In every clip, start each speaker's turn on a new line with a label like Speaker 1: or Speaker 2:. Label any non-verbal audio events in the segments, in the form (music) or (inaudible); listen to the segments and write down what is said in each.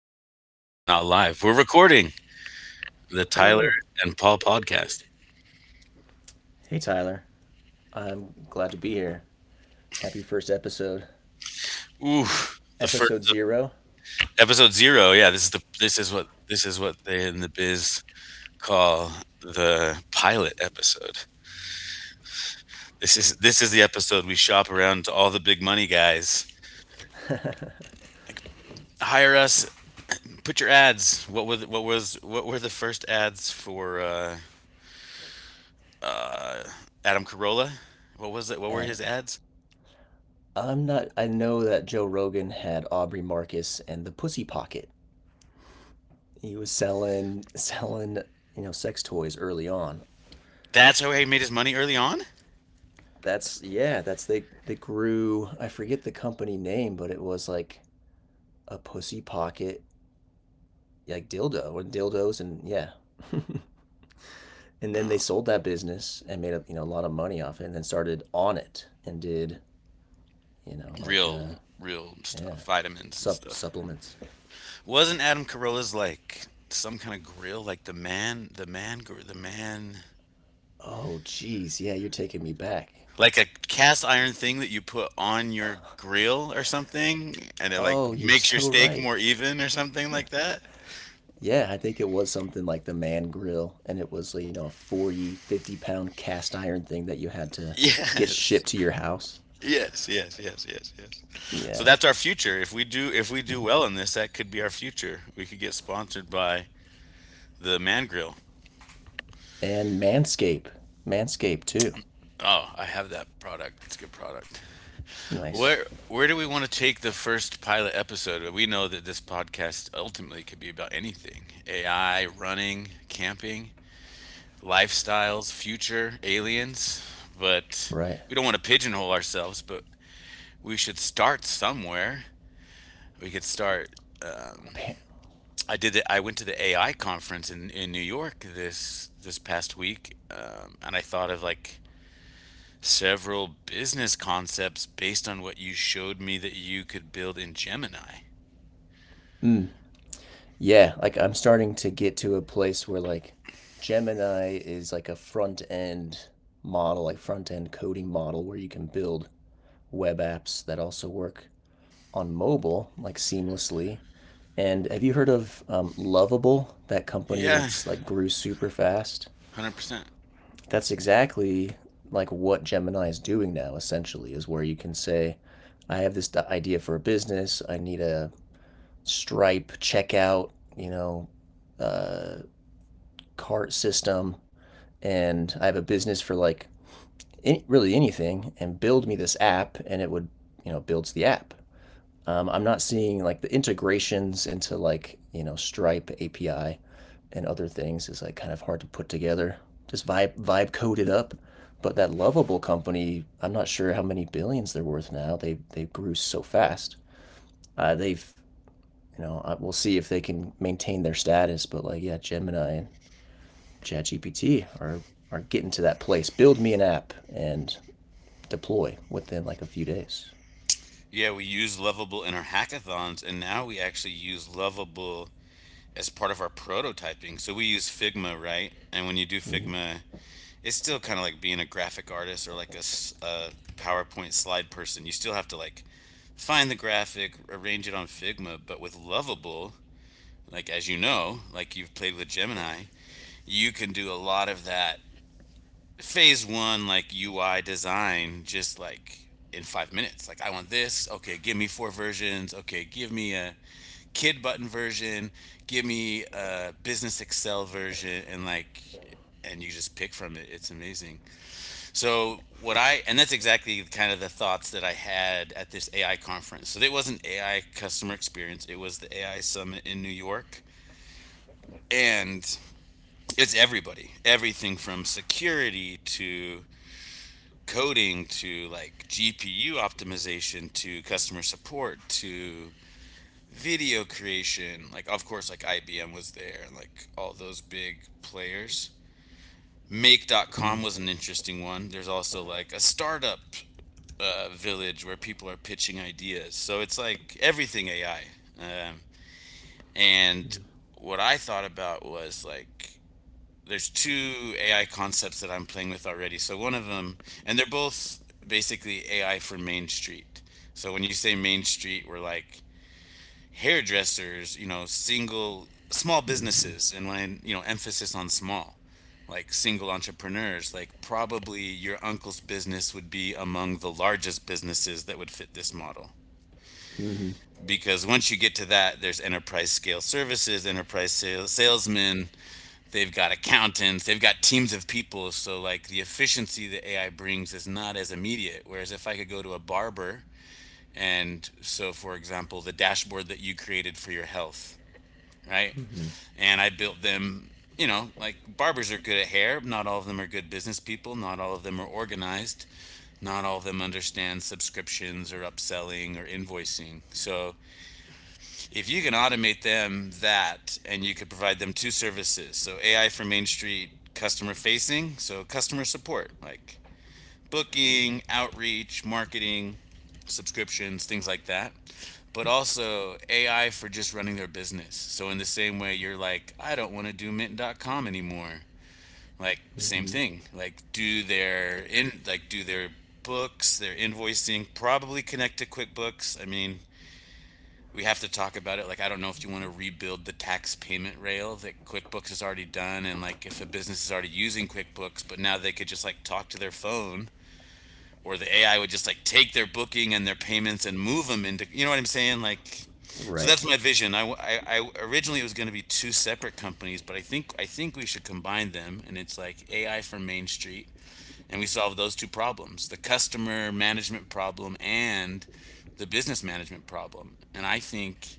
Speaker 1: I guess podcasts are not live. We're recording the Tyler
Speaker 2: Hello.
Speaker 1: and Paul podcast.
Speaker 2: Hey, Tyler. I'm glad to be here. Happy first episode.
Speaker 1: Ooh, the first
Speaker 2: Episode zero.
Speaker 1: episode zero. Yeah, this is the this is what they in the biz call the pilot episode. This is the episode we shop around to all the big money guys.
Speaker 2: (laughs)
Speaker 1: Hire us. Put your ads. What were the first ads for uh, Adam Carolla? What was it? What were
Speaker 2: And
Speaker 1: his ads?
Speaker 2: I'm not, I know that Joe Rogan had Aubrey Marcus and the Pussy Pocket. He was sex toys early on.
Speaker 1: That's how he made his money early on.
Speaker 2: Yeah, they grew, I forget the company name, but it was like a Pussy Pocket, like dildo and dildos, and yeah. (laughs) And then they sold that business and made a lot of money off it, and then started on it and did. You know, like,
Speaker 1: real real
Speaker 2: yeah,
Speaker 1: stuff, vitamins and stuff.
Speaker 2: Supplements.
Speaker 1: Wasn't Adam Carolla's like some kind of grill, like the man,
Speaker 2: Oh, geez, yeah, you're taking me back.
Speaker 1: like a cast iron thing that you put on your grill or something, and it like
Speaker 2: Oh, (laughs) you're
Speaker 1: makes your
Speaker 2: so
Speaker 1: steak
Speaker 2: right.
Speaker 1: more even or something like that?
Speaker 2: Yeah, I think it was something like the man grill, and it was, a 40 pound cast iron thing that you had to get shipped to
Speaker 1: (laughs)
Speaker 2: your house.
Speaker 1: Yes. Yes, yes, yes, yes, yes. So
Speaker 2: Yeah,
Speaker 1: that's our future. If we do
Speaker 2: mm-hmm.
Speaker 1: well in this, that could be our future. We could get sponsored by the Man Grill.
Speaker 2: And Manscape, Manscape too.
Speaker 1: Oh, I have that product. It's a good product.
Speaker 2: Nice,
Speaker 1: Where do we want to take the first pilot episode? We know that this podcast ultimately could be about anything: AI, running, camping, lifestyles, future, aliens. But
Speaker 2: right?
Speaker 1: we don't want to pigeonhole ourselves. But we should start somewhere. We could start. Um,
Speaker 2: Pa-
Speaker 1: I did. I went to the AI conference in New York this past week, and I thought of like several business concepts based on what you showed me that you could build in Gemini.
Speaker 2: mm, yeah, like I'm starting to get to a place where, like, Gemini is like a front end model, like front end coding model where you can build web apps that also work on mobile, like, seamlessly. And have you heard of Lovable, that company
Speaker 1: Yeah,
Speaker 2: that's like grew super fast?
Speaker 1: 100%.
Speaker 2: That's exactly like what Gemini is doing now, essentially, is where you can say, I have this idea for a business. I need a Stripe checkout, you know, uh, cart system, and I have a business for like really anything, and build me this app, and it would, builds the app. I'm not seeing like the integrations into, like, you know, Stripe API and other things is like kind of hard to put together. Just vibe code it up. But that lovable company, I'm not sure how many billions they're worth now. They grew so fast. They've you know we'll see if they can maintain their status. But, like, yeah, Gemini and ChatGPT are getting to that place. Build me an app and deploy within like a few days.
Speaker 1: Yeah, we use Lovable in our hackathons, and now we actually use Lovable as part of our prototyping. So we use Figma, right? And when you do
Speaker 2: Mm-hmm.
Speaker 1: Figma, it's still kind of like being a graphic artist or like a PowerPoint slide person. You still have to like find the graphic, arrange it on Figma, but with Lovable, like as you know, like you've played with Gemini, you can do a lot of that phase one like UI design just like in 5 minutes. Like I want this. Okay, give me four versions. Okay, give me a kid button version. Give me a business Excel version, and you just pick from it. It's amazing. So what I and that's exactly kind of the thoughts that I had at this AI conference. So it wasn't AI customer experience. It was the AI summit in New York, and it's everybody, everything from security to coding to like GPU optimization to customer support to video creation. Like, of course, like IBM was there and like all those big players. Make.com was an interesting one. There's also like a startup village where people are pitching ideas. So it's like everything AI. Um, and what I thought about was like, there's two AI concepts that I'm playing with already. So one of them, and they're both basically AI for Main Street. So when you say Main Street, we're like hairdressers, you know, single small
Speaker 2: Mm-hmm.
Speaker 1: businesses, and when I, you know, emphasis on small, like single entrepreneurs, like probably your uncle's business would be among the largest businesses that would fit this model.
Speaker 2: Mm-hmm.
Speaker 1: Because once you get to that, there's enterprise scale services, enterprise sales, salesmen, they've got accountants, they've got teams of people. So like the efficiency that AI brings is not as immediate. Whereas if I could go to a barber, and so for example, the dashboard that you created for your health, right?
Speaker 2: Mm-hmm.
Speaker 1: And I built them, you know, like barbers are good at hair, not all of them are good business people, not all of them are organized. Not all of them understand subscriptions or upselling or invoicing. So if you can automate them that and you could provide them two services, so AI for Main Street customer facing, so customer support like booking, outreach, marketing, subscriptions, things like that, but also AI for just running their business. So in the same way you're like, I don't want to do mint.com anymore, like same thing, like do their in like do their books, their invoicing, probably connect to QuickBooks. I mean, we have to talk about it. Like, I don't know if you want to rebuild the tax payment rail that QuickBooks has already done, and like if a business is already using QuickBooks, but now they could just like talk to their phone, or the AI would just like take their booking and their payments and move them into, you know what I'm saying? Like, so
Speaker 2: Right.
Speaker 1: that's my vision. Originally it was going to be two separate companies, but I think we should combine them, and it's like AI for Main Street, and we solve those two problems: the customer management problem and the business management problem. And I think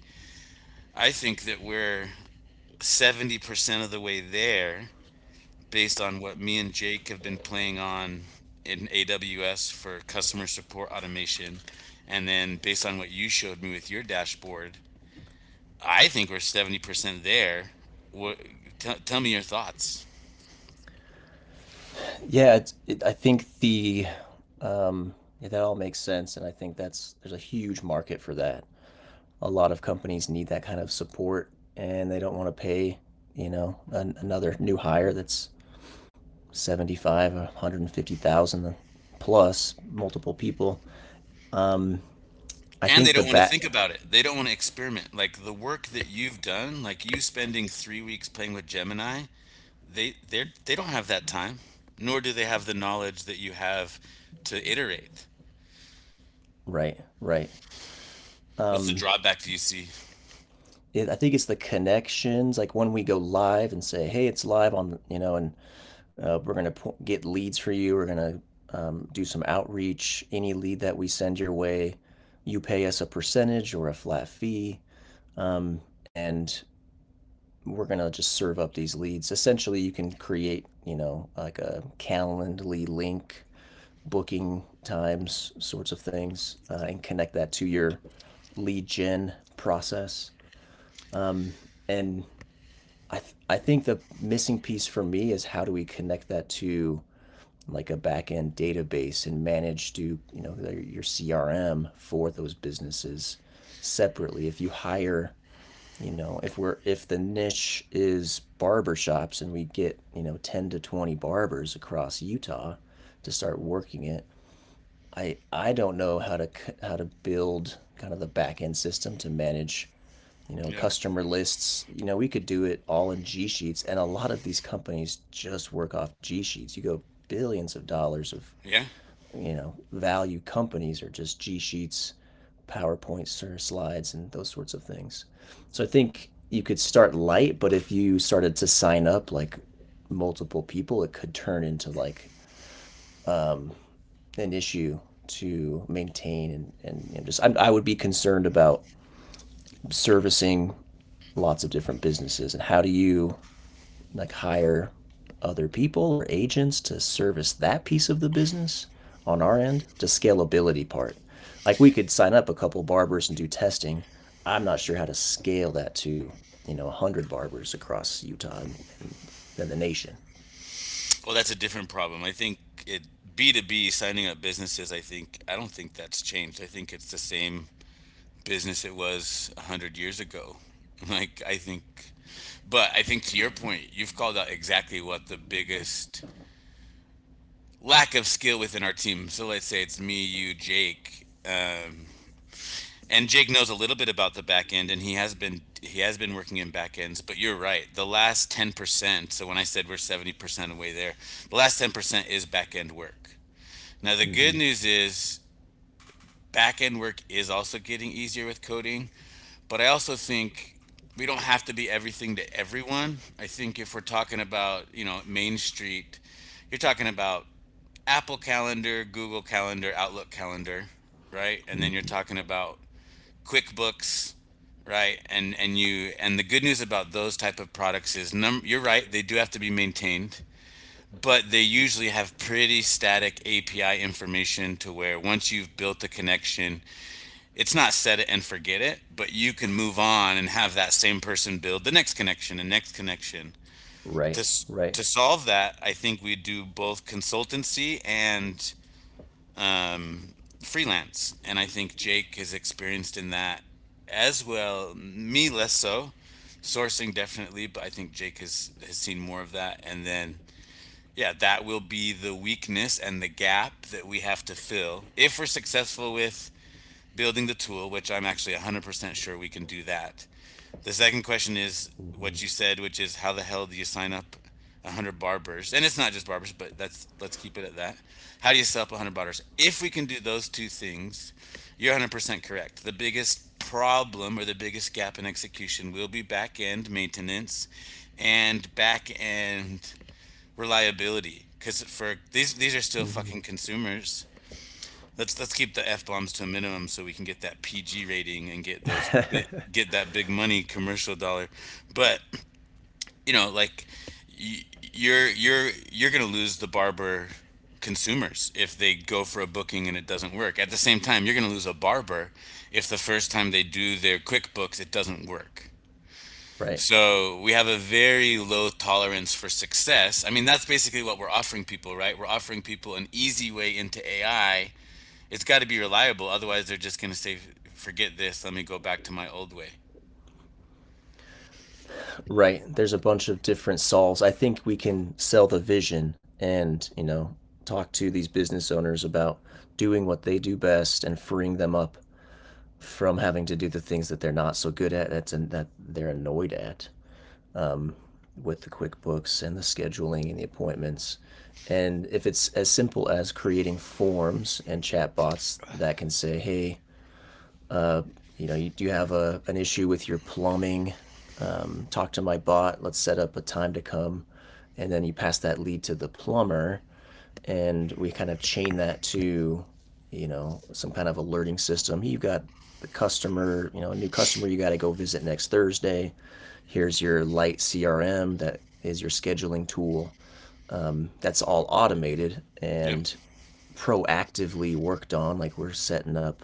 Speaker 1: I think that we're 70% of the way there based on what me and Jake have been playing on in AWS for customer support automation. And then based on what you showed me with your dashboard, I think we're 70% there. What, Tell me your thoughts.
Speaker 2: Yeah, I think the um, yeah, that all makes sense, and I think that's there's a huge market for that. A lot of companies need that kind of support, and they don't want to pay, another new hire that's 75, one 150,000, plus multiple people. Um, I
Speaker 1: And they
Speaker 2: think the
Speaker 1: don't want to
Speaker 2: bat
Speaker 1: think about it. They don't want to experiment. Like the work that you've done, like you spending 3 weeks playing with Gemini, they don't have that time, nor do they have the knowledge that you have to iterate.
Speaker 2: Right, right.
Speaker 1: What's the
Speaker 2: Um,
Speaker 1: drawback do you see?
Speaker 2: I think it's the connections. Like, when we go live and say, "Hey, it's live on," you know, and we're gonna get leads for you. We're gonna do some outreach. Any lead that we send your way, you pay us a percentage or a flat fee, um, and we're gonna just serve up these leads. Essentially, you can create, like, a Calendly link, booking times, sorts of things, and connect that to your lead gen process. Um, and I think the missing piece for me is how do we connect that to like a back end database and manage to, your CRM for those businesses separately. If you hire, if the niche is barbershops, and we get, 10 to 20 barbers across Utah to start working it, I don't know how to, build kind of the back end system to manage,
Speaker 1: Yep.
Speaker 2: customer lists. You know, we could do it all in G Sheets, and a lot of these companies just work off G Sheets. You go billions of dollars of,
Speaker 1: Yeah.
Speaker 2: value companies are just G Sheets, PowerPoints or slides, and those sorts of things. So I think you could start light, but if you started to sign up like multiple people, it could turn into, like, um, an issue to maintain, and you just I would be concerned about servicing lots of different businesses, and how do you, like, hire other people or agents to service that piece of the business on our end, the scalability part. Like, we could sign up a couple barbers and do testing. I'm not sure how to scale that to, you know, 100 barbers across Utah, and then the nation.
Speaker 1: Well, that's a different problem. I think it B two B signing up businesses. I think I don't think that's changed. I think it's the same business it was 100 years ago. (laughs) Like I think, but I think to your point, you've called out exactly what the biggest lack of skill within our team. So let's say it's me, you, Jake. And Jake knows a little bit about the back end, and he has been working in back ends. But you're right, the last 10%. So when I said we're 70% away there, the last 10% is back end work. Now the good
Speaker 2: Mm-hmm.
Speaker 1: news is back end work is also getting easier with coding. But I also think we don't have to be everything to everyone. I think if we're talking about you know Main Street, you're talking about Apple Calendar, Google Calendar, Outlook Calendar, right? And then you're
Speaker 2: Mm-hmm.
Speaker 1: talking about QuickBooks, right? And you and the good news about those type of products is num you're right, they do have to be maintained, but they usually have pretty static API information to where once you've built the connection, it's not set it and forget it, but you can move on and have that same person build the next connection and next connection.
Speaker 2: Right,
Speaker 1: To s-
Speaker 2: right.
Speaker 1: to solve that, I think we do both consultancy and freelance. And I think Jake is experienced in that as well, me less so. Sourcing definitely, but I think Jake has seen more of that. And then, yeah, that will be the weakness and the gap that we have to fill if we're successful with building the tool, which I'm actually 100% sure we can do that. The second question is what you said, which is how the hell do you sign up 100 barbers? And it's not just barbers, but that's let's keep it at that. How do you sell up 100 barbers? If we can do those two things, you're 100% correct. The biggest problem or the biggest gap in execution will be back end maintenance and back end reliability, because for these, are still
Speaker 2: Mm-hmm.
Speaker 1: fucking consumers. Let's keep the F bombs to a minimum so we can get that PG rating and get those
Speaker 2: (laughs)
Speaker 1: get that big money commercial dollar. But you know, like y- you're gonna lose the barber consumers if they go for a booking and it doesn't work. At the same time, you're gonna lose a barber if the first time they do their QuickBooks it doesn't work.
Speaker 2: Right.
Speaker 1: So we have a very low tolerance for success. I mean, that's basically what we're offering people, right? We're offering people an easy way into AI. It's got to be reliable. Otherwise, they're just going to say, forget this. Let me go back to my old way.
Speaker 2: Right. There's a bunch of different solves. I think we can sell the vision, and, talk to these business owners about doing what they do best and freeing them up from having to do the things that they're not so good at, that's and that they're annoyed at, um, with the QuickBooks and the scheduling and the appointments. And if it's as simple as creating forms and chatbots that can say, "Hey, uh, you do have an issue with your plumbing. Talk to my bot. Let's set up a time to come." And then you pass that lead to the plumber. And we kind of chain that to, some kind of alerting system. "Hey, you've got a new customer you got to go visit next Thursday. Here's your light CRM that is your scheduling tool." That's all automated
Speaker 1: Yep.
Speaker 2: and proactively worked on. Like, we're setting up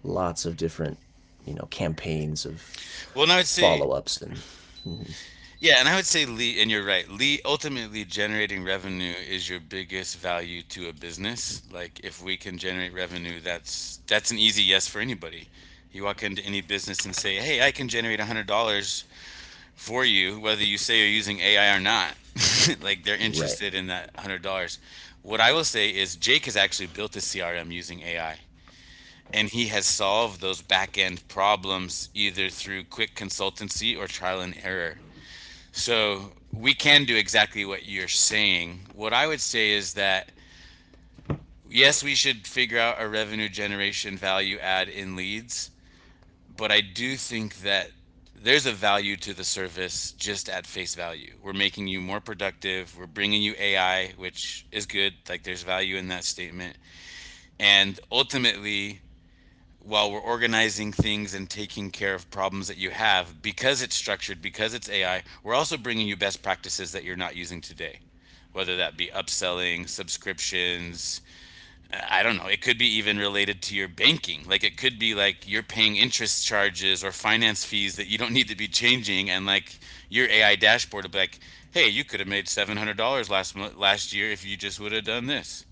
Speaker 2: lots of different, campaigns of
Speaker 1: Well, and I would say,
Speaker 2: follow ups and.
Speaker 1: yeah, and I would say lead, and you're right. Lead, ultimately, generating revenue is your biggest value to a business. Like, if we can generate revenue, that's an easy yes for anybody. You walk into any business and say, "Hey, I can generate $100 for you, whether you say you're using AI or not." (laughs) Like, they're
Speaker 2: Right.
Speaker 1: interested in that $100. What I will say is, Jake has actually built a CRM using AI. And he has solved those back end problems either through quick consultancy or trial and error. So we can do exactly what you're saying. What I would say is that yes, we should figure out a revenue generation value add in leads, but I do think that there's a value to the service just at face value. We're making you more productive. We're bringing you AI, which is good. Like, there's value in that statement. And ultimately, while we're organizing things and taking care of problems that you have, because it's structured, because it's AI, we're also bringing you best practices that you're not using today. Whether that be upselling, subscriptions, I don't know. It could be even related to your banking. Like, it could be like you're paying interest charges or finance fees that you don't need to be changing, and like your AI dashboard will be like, "Hey, you could have made $700 last last year if you just would have done this."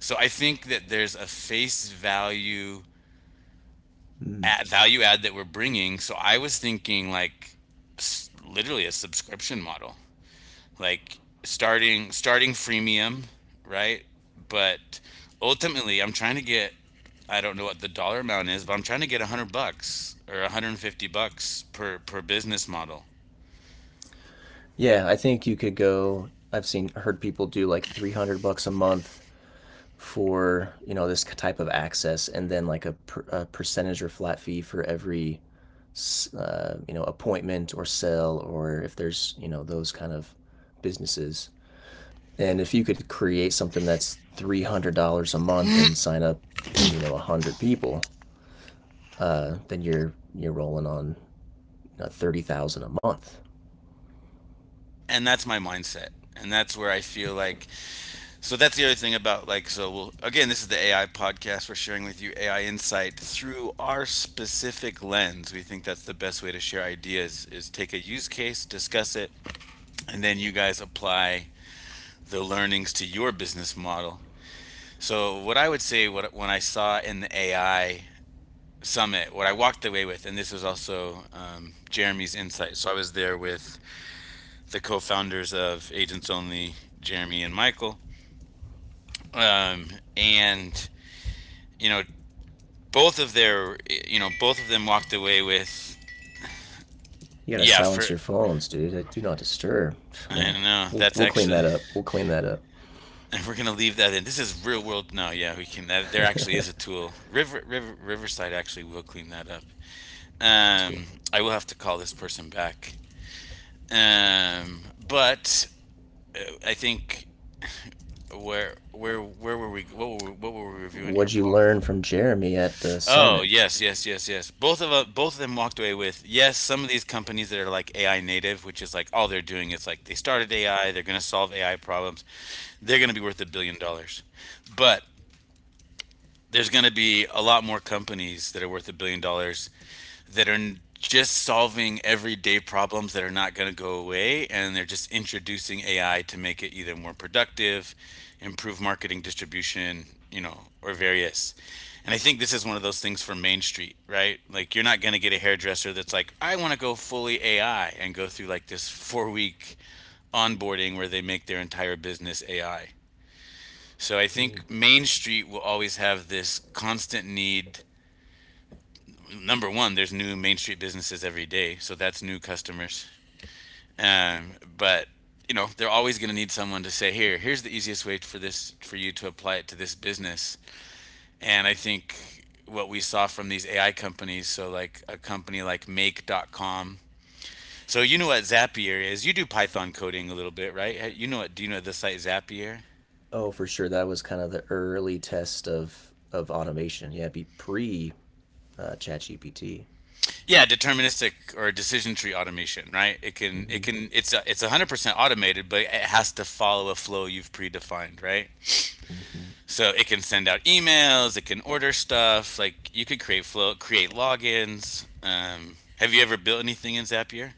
Speaker 1: So I think that there's a face
Speaker 2: Mm.
Speaker 1: value add that we're bringing. So I was thinking like literally a subscription model, like starting freemium, right? But ultimately, I'm trying to get, I don't know what the dollar amount is, but I'm trying to get 100 bucks or 150 bucks per business model.
Speaker 2: Yeah, I think you could go. I've seen heard people do like 300 bucks a month for, this type of access, and then like a percentage or flat fee for every, appointment or sell, or if there's, those kind of businesses. And if you could create something that's $300 a month and sign up, you know, 100 people, then you're rolling on, you know, 30,000 a month.
Speaker 1: And that's my mindset. And that's where I feel like. So that's the other thing about, like, so we'll, again, this is the AI podcast. We're sharing with you AI insight through our specific lens. We think that's the best way to share ideas is take a use case, discuss it, and then you guys apply the learnings to your business model. So what I would say, what when I saw in the AI summit, what I walked away with, and this was also Jeremy's insight. So I was there with the co-founders of Agents Only, Jeremy and Michael. Um, and you know, both of their, you know, both of them walked away with,
Speaker 2: You gotta
Speaker 1: yeah, for,
Speaker 2: silence your phones, dude. Do not disturb. (sighs)
Speaker 1: I
Speaker 2: Man,
Speaker 1: don't know,
Speaker 2: we'll
Speaker 1: that's
Speaker 2: we'll clean
Speaker 1: actually
Speaker 2: that up. We'll clean that up.
Speaker 1: (laughs) and we're gonna leave that in. This is real world. No, yeah, we can that, there
Speaker 2: (laughs)
Speaker 1: actually
Speaker 2: That's
Speaker 1: is a tool, river Riverside actually will clean that up.
Speaker 2: cool.
Speaker 1: Um, I will have to call this person back. Um, but I think where were we, what were we reviewing here,
Speaker 2: What'd you
Speaker 1: Paul?
Speaker 2: learn from Jeremy at the
Speaker 1: Oh,
Speaker 2: summit?
Speaker 1: yes, yes, yes, yes. Both of them walked away with, yes, some of these companies that are like AI native, which is like all they're doing is like they started AI, they're going to solve AI problems. They're going to be worth $1 billion. But there's going to be a lot more companies that are worth $1 billion that are just solving everyday problems that are not going to go away, and they're just introducing AI to make it either more productive, improve marketing distribution, you know, or various. And I think this is one of those things for Main Street, right? Like, you're not going to get a hairdresser that's like, "I want to go fully AI" and go through like this 4-week onboarding where they make their entire business AI. So I
Speaker 2: Mm.
Speaker 1: think Main Street will always have this constant need. Number one, there's new Main Street businesses every day, so that's new customers. But you know, they're always going to need someone to say, "Here, here's the easiest way for this for you to apply it to this business." And I think what we saw from these AI companies, so like a company like Make.com. So you know what Zapier is? You do Python coding a little bit, right? Hey, you know what? Do you know the site Zapier?
Speaker 2: Oh, for sure, that was kind of the early test of automation. Yeah, it'd be pre ChatGPT.
Speaker 1: Yeah, deterministic or decision tree automation, right? It can it
Speaker 2: Mm-hmm.
Speaker 1: can, it's 100% automated, but it has to follow a flow you've predefined, right?
Speaker 2: Mm-hmm.
Speaker 1: So it can send out emails, it can order stuff, like you could create flow, create logins. Have you ever built anything in Zapier?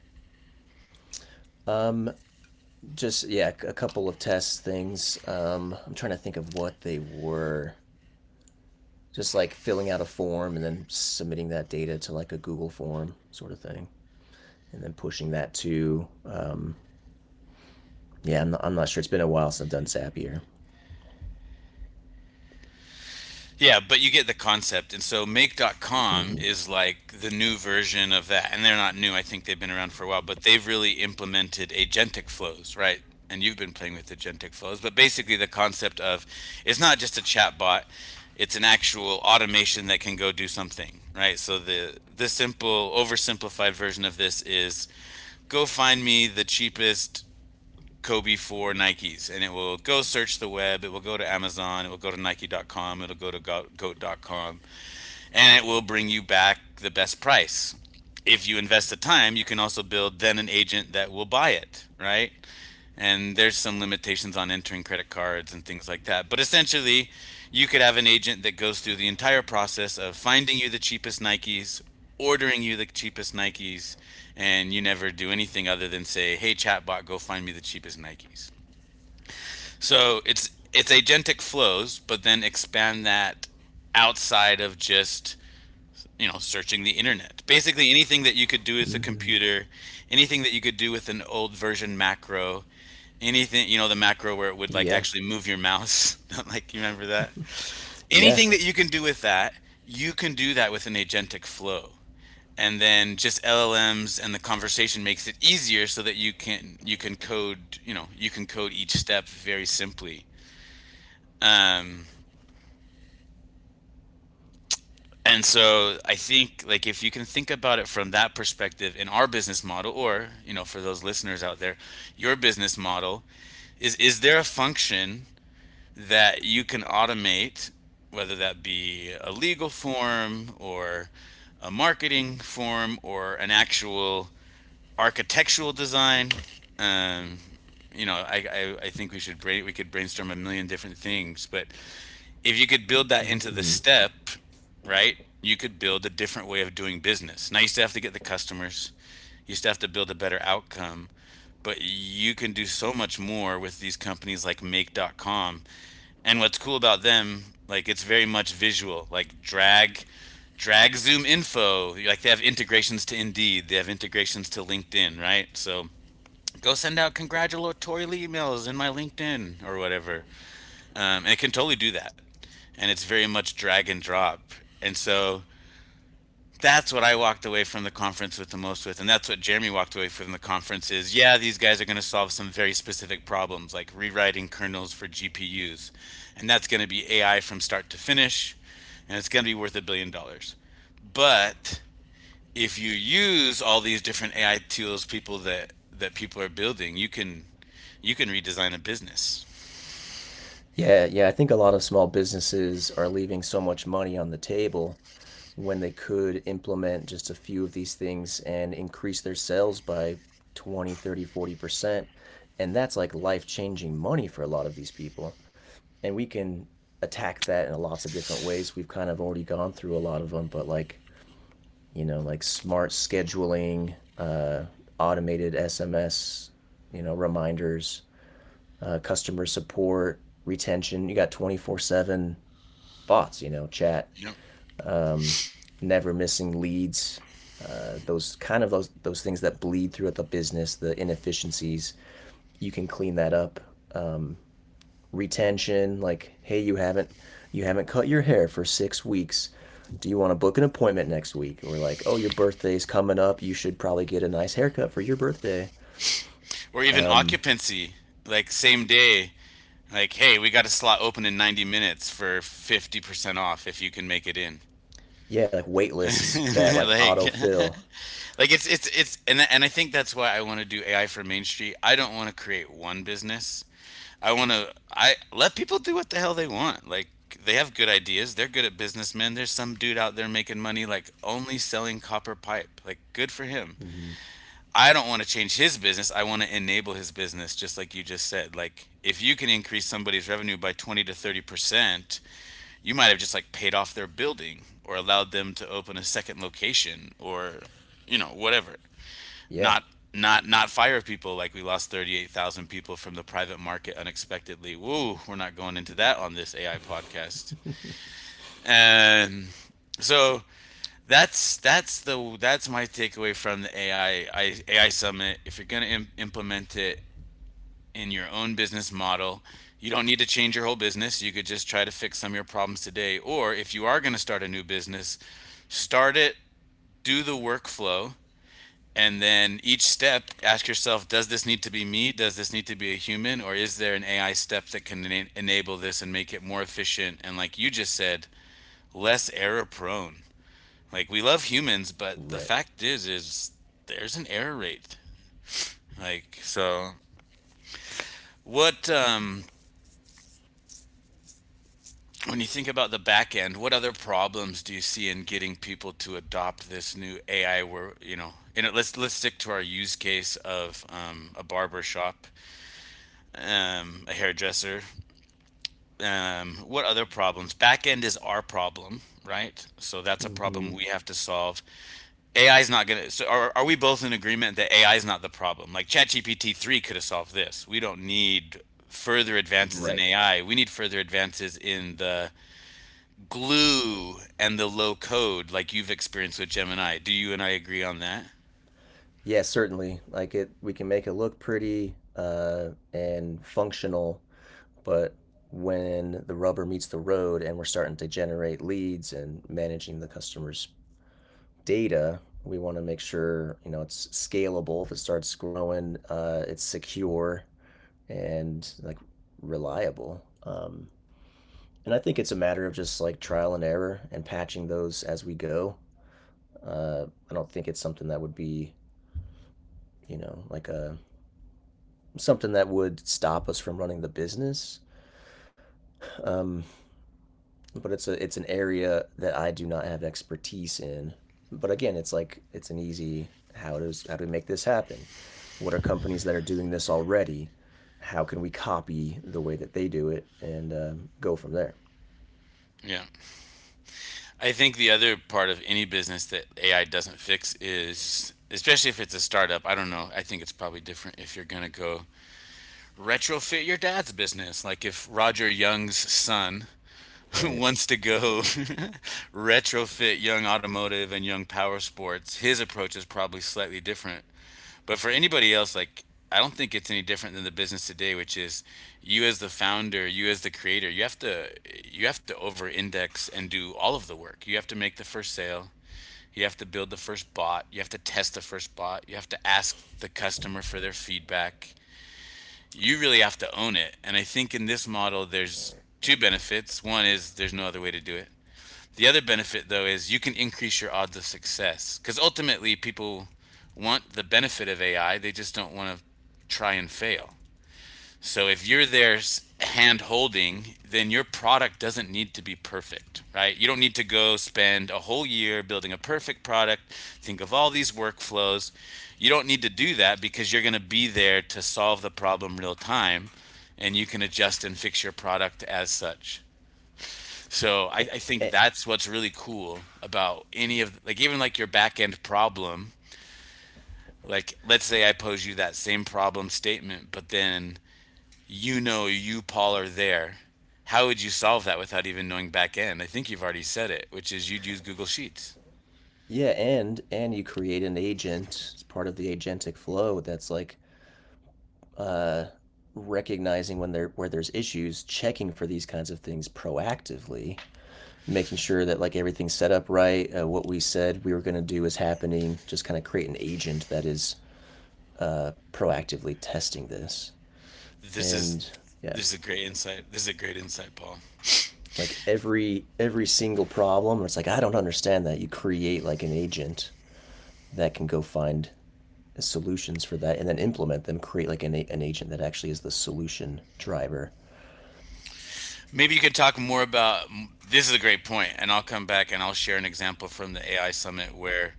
Speaker 2: Um, just, yeah, a couple of test things. I'm trying to think of what they were. Just, like, filling out a form and then submitting that data to like a Google form sort of thing, and then pushing that to. Yeah, I'm not sure. It's been a while since I've done Zapier.
Speaker 1: Yeah, but you get the concept. And so make.com
Speaker 2: Mm-hmm.
Speaker 1: is like the new version of that. And they're not new. I think they've been around for a while, but they've really implemented agentic flows, right? And you've been playing with agentic flows, but basically the concept of, it's not just a chat bot, it's an actual automation that can go do something, right? So the simple oversimplified version of this is, go find me the cheapest Kobe for Nikes, and it will go search the web. It will go to Amazon. It will go to Nike.com. It'll go to Goat.com, and it will bring you back the best price. If you invest the time, you can also build then an agent that will buy it, right? And there's some limitations on entering credit cards and things like that. But essentially, you could have an agent that goes through the entire process of finding you the cheapest Nikes, ordering you the cheapest Nikes, and you never do anything other than say, "Hey, chatbot, go find me the cheapest Nikes." So it's agentic flows, but then expand that outside of just, you know, searching the internet. Basically, anything that you could do with a
Speaker 2: Mm-hmm.
Speaker 1: computer, anything that you could do with an old version macro, anything, you know, the macro where it would like
Speaker 2: Yeah,
Speaker 1: actually move your mouse. (laughs) like, you remember that?
Speaker 2: yeah.
Speaker 1: Anything that you can do with that, you can do that with an agentic flow. And then just LLMs and the conversation makes it easier so that you can code, you know, you can code each step very simply, um, and so I think like, if you can think about it from that perspective in our business model, or you know, for those listeners out there, your business model is there a function that you can automate, whether that be a legal form or a marketing form or an actual architectural design? Um, you know, I think we could brainstorm a million different things, but if you could build that into the
Speaker 2: Mm-hmm.
Speaker 1: step, right, you could build a different way of doing business. Now, you still have to get the customers, you still have to build a better outcome, but you can do so much more with these companies like Make.com. And what's cool about them, like, it's very much visual, like drag, drag Zoom info. Like, they have integrations to Indeed, they have integrations to LinkedIn, right? So, go send out congratulatory emails in my LinkedIn or whatever, and it can totally do that. And it's very much drag and drop. And so that's what I walked away from the conference with the most with, and that's what Jeremy walked away from the conference is. Yeah, these guys are going to solve some very specific problems, like rewriting kernels for GPUs, and that's going to be AI from start to finish, and it's going to be worth $1 billion. But if you use all these different AI tools, people that people are building, you can, you can redesign a business
Speaker 2: Yeah, yeah. I think a lot of small businesses are leaving so much money on the table when they could implement just a few of these things and increase their sales by 20, 30, 40%. And that's, like, life changing money for a lot of these people. And we can attack that in lots of different ways. We've kind of already gone through a lot of them, but, like, like, smart scheduling, uh, automated SMS, reminders, customer support, retention. You got 24/7 bots, chat, um, never missing leads, those kind of those things that bleed throughout the business, the inefficiencies. You can clean that up. Um, retention, like, hey, you haven't cut your hair for 6 weeks. Do you want to book an appointment next week? Or, like, oh, your birthday's coming up. You should probably get a nice haircut for your birthday.
Speaker 1: or even
Speaker 2: Um,
Speaker 1: occupancy, like same day. Like, hey, we got a slot open in 90 minutes for 50% off if you can make it in.
Speaker 2: yeah, like, wait lists that, like,
Speaker 1: (laughs) like,
Speaker 2: autofill.
Speaker 1: like it's and I think that's why I want to do AI for Main Street. I don't want to create one business. I want to, I let people do what the hell they want. Like, they have good ideas. They're good at businessmen. There's some dude out there making money like only selling copper pipe. Like, good for him.
Speaker 2: Mm.
Speaker 1: I don't want to change his business. I want to enable his business just like you just said. Like, if you can increase somebody's revenue by 20 to 30%, you might have just like paid off their building or allowed them to open a second location or you know, whatever,
Speaker 2: Yeah.
Speaker 1: not not fire people like we lost 38,000 people from the private market unexpectedly, woo, we're not going into that on this AI podcast.
Speaker 2: (laughs)
Speaker 1: And so that's my takeaway from the AI AI summit, if you're going to implement it in your own business model. You don't need to change your whole business. You could just try to fix some of your problems today. Or if you are going to start a new business, start it, do the workflow, and then each step, ask yourself, does this need to be me? Does this need to be a human? Or is there an AI step that can enable this and make it more efficient? And like you just said, less error prone. Like, we love humans, but the
Speaker 2: Right.
Speaker 1: fact is there's an error rate. Like, so what, when you think about the back end, what other problems do you see in getting people to adopt this new AI? Where let's stick to our use case of a barber shop, a hairdresser. What other problems? Back end is our problem, right? So that's a
Speaker 2: Mm-hmm.
Speaker 1: problem we have to solve. AI is not gonna. So are we both in agreement that AI is not the problem? Like ChatGPT three could have solved this. We don't need further advances in
Speaker 2: Right.
Speaker 1: AI. We need further advances in the glue and the low code like you've experienced with Gemini. Do you and I agree on that?
Speaker 2: Yeah, certainly. Like, we can make it look pretty, and functional, but when the rubber meets the road and we're starting to generate leads and managing the customer's data, we want to make sure, it's scalable. If it starts growing, it's secure and, like, reliable. And I think it's a matter of just, like, trial and error and patching those as we go. Uh, I don't think it's something that would be, you know like a something that would stop us from running the business. Um, but it's an area that I do not have expertise in. But again, it's an easy, how do we make this happen? What are companies that are doing this already? How can we copy the way that they do it, and go from there?
Speaker 1: Yeah. I think the other part of any business that AI doesn't fix is, especially if it's a startup, I don't know. I think it's probably different if you're going to go retrofit your dad's business. Like if Roger Young's son (laughs)
Speaker 2: Right.
Speaker 1: wants to go (laughs) retrofit Young Automotive and Young Power Sports, his approach is probably slightly different. But for anybody else, like I don't think it's any different than the business today, which is you as the founder, you as the creator, you have to over index and do all of the work. You have to make the first sale. You have to build the first bot. You have to test the first bot. You have to ask the customer for their feedback. You really have to own it. And I think in this model there's two benefits. One is there's no other way to do it. The other benefit, though, is you can increase your odds of success because ultimately people want the benefit of AI, they just don't want to try and fail. So if you're there hand holding, then your product doesn't need to be perfect, right? You don't need to go spend a whole year building a perfect product, think of all these workflows. You don't need to do that because you're going to be there to solve the problem real time, and you can adjust and fix your product as such. So I,
Speaker 2: A-
Speaker 1: I think
Speaker 2: a-
Speaker 1: that's what's really cool about any of like even like your back end problem. Like let's say I pose you that same problem statement, but then you know you Paul are there. How would you solve that without even knowing back end? I think you've already said it, which is you'd use Google Sheets.
Speaker 2: yeah, and you create an agent as part of the agentic flow that's, like, uh, recognizing when there where there's issues, checking for these kinds of things proactively, making sure that, like, everything's set up right, what we said we were going to do is happening. Just kind of create an agent that is, proactively testing this,
Speaker 1: This is
Speaker 2: and yeah,
Speaker 1: this is a great insight. This is a great insight, Paul.
Speaker 2: like every single problem, where it's like I don't understand that. You create like an agent that can go find solutions for that and then implement them, create like an agent that actually is the solution driver.
Speaker 1: Maybe you could talk more about this is a great point, and I'll come back and I'll share an example from the AI summit where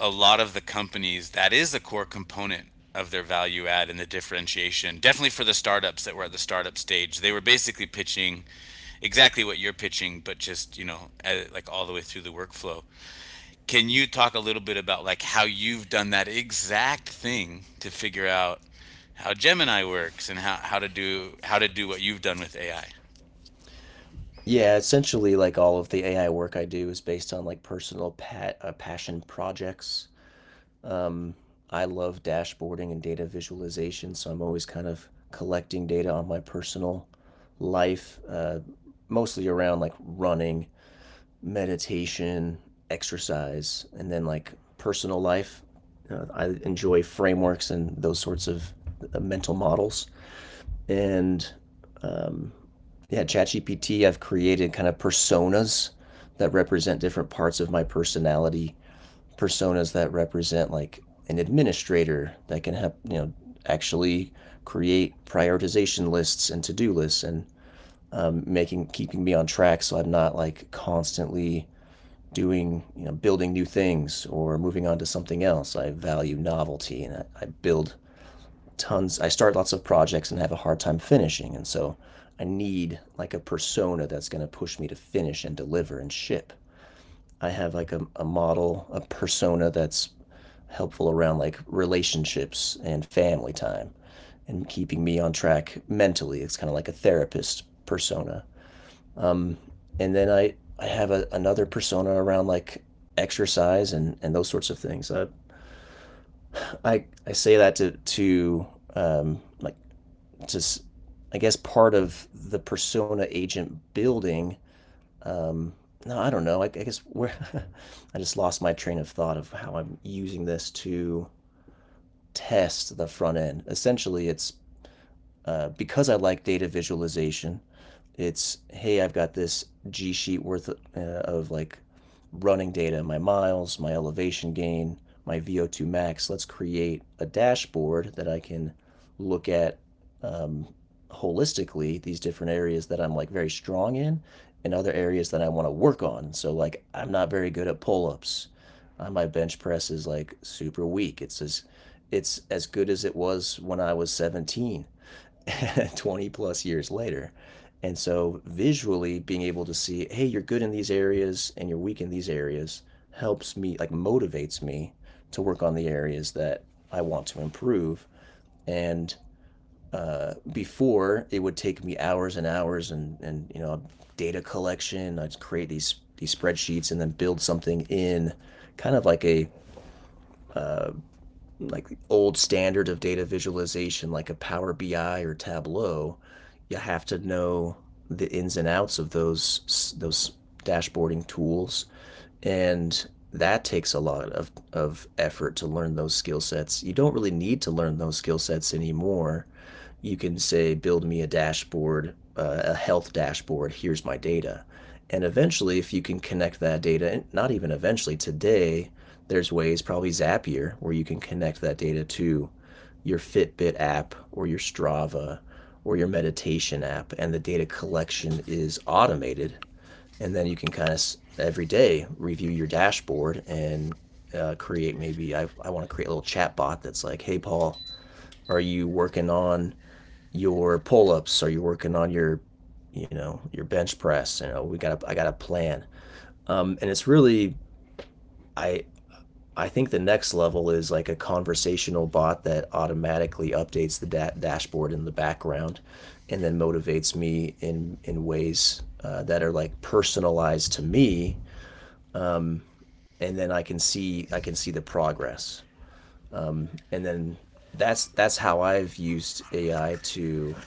Speaker 1: a lot of the companies, that is a core component of their value add and the differentiation. Definitely for the startups that were at the startup stage, they were basically pitching exactly what you're pitching, but just you know, like all the way through the workflow. Can you talk a little bit about like how you've done that exact thing to figure out how Gemini works and how, how to do what you've done with AI?
Speaker 2: Yeah, essentially, like all of the AI work I do is based on like personal passion projects. Um, I love dashboarding and data visualization, so I'm always kind of collecting data on my personal life, mostly around like running, meditation, exercise, and then like personal life. I enjoy frameworks and those sorts of mental models. And um, yeah, ChatGPT, I've created kind of personas that represent different parts of my personality, personas that represent like an administrator that can have, you know, actually create prioritization lists and to do lists and making, keeping me on track so I'm not like constantly doing, you know, building new things or moving on to something else. I value novelty and I build tons. I start lots of projects and have a hard time finishing, and so I need like a persona that's going to push me to finish and deliver and ship. I have like a model, a persona that's helpful around like relationships and family time and keeping me on track mentally. It's kind of like a therapist persona. Um, and then i i have another persona around like exercise and those sorts of things. I, I say that to like, just, I guess part of the persona agent building. Um, no, I don't know. I guess where (laughs) I just lost my train of thought of how I'm using this to test the front end. Essentially, it's because I like data visualization, it's, hey, I've got this G Sheet worth of like running data, my miles, my elevation gain, my VO2 max. Let's create a dashboard that I can look at um, holistically, these different areas that I'm like very strong in and other areas that I want to work on. So like, I'm not very good at pull-ups. My bench press is like super weak. It's as good as it was when I was 17. (laughs) 20 plus years later. And so, visually, being able to see, hey, you're good in these areas and you're weak in these areas, helps me, like, motivates me to work on the areas that I want to improve. And before, it would take me hours and hours and, you know, data collection. I'd create these spreadsheets and then build something in kind of like a, like old standard of data visualization, like a Power BI or Tableau. You have to know the ins and outs of those dashboarding tools, and that takes a lot of effort to learn those skill sets. You don't really need to learn those skill sets anymore. You can say, build me a dashboard, a health dashboard, here's my data. And eventually, if you can connect that data, and not even eventually, today, there's ways, probably Zapier, where you can connect that data to your Fitbit app or your Strava or your meditation app, and the data collection is automated. And then you can kind of every day review your dashboard, and create, maybe I want to create a little chat bot that's like, hey, Paul, are you working on your pull ups? Are you working on your, you know, your bench press? You know, we got I got a plan. And it's really, I I think the next level is like a conversational bot that automatically updates the dashboard in the background, and then motivates me in ways that are like personalized to me. Um, and then I can see the progress. And then that's how I've used AI to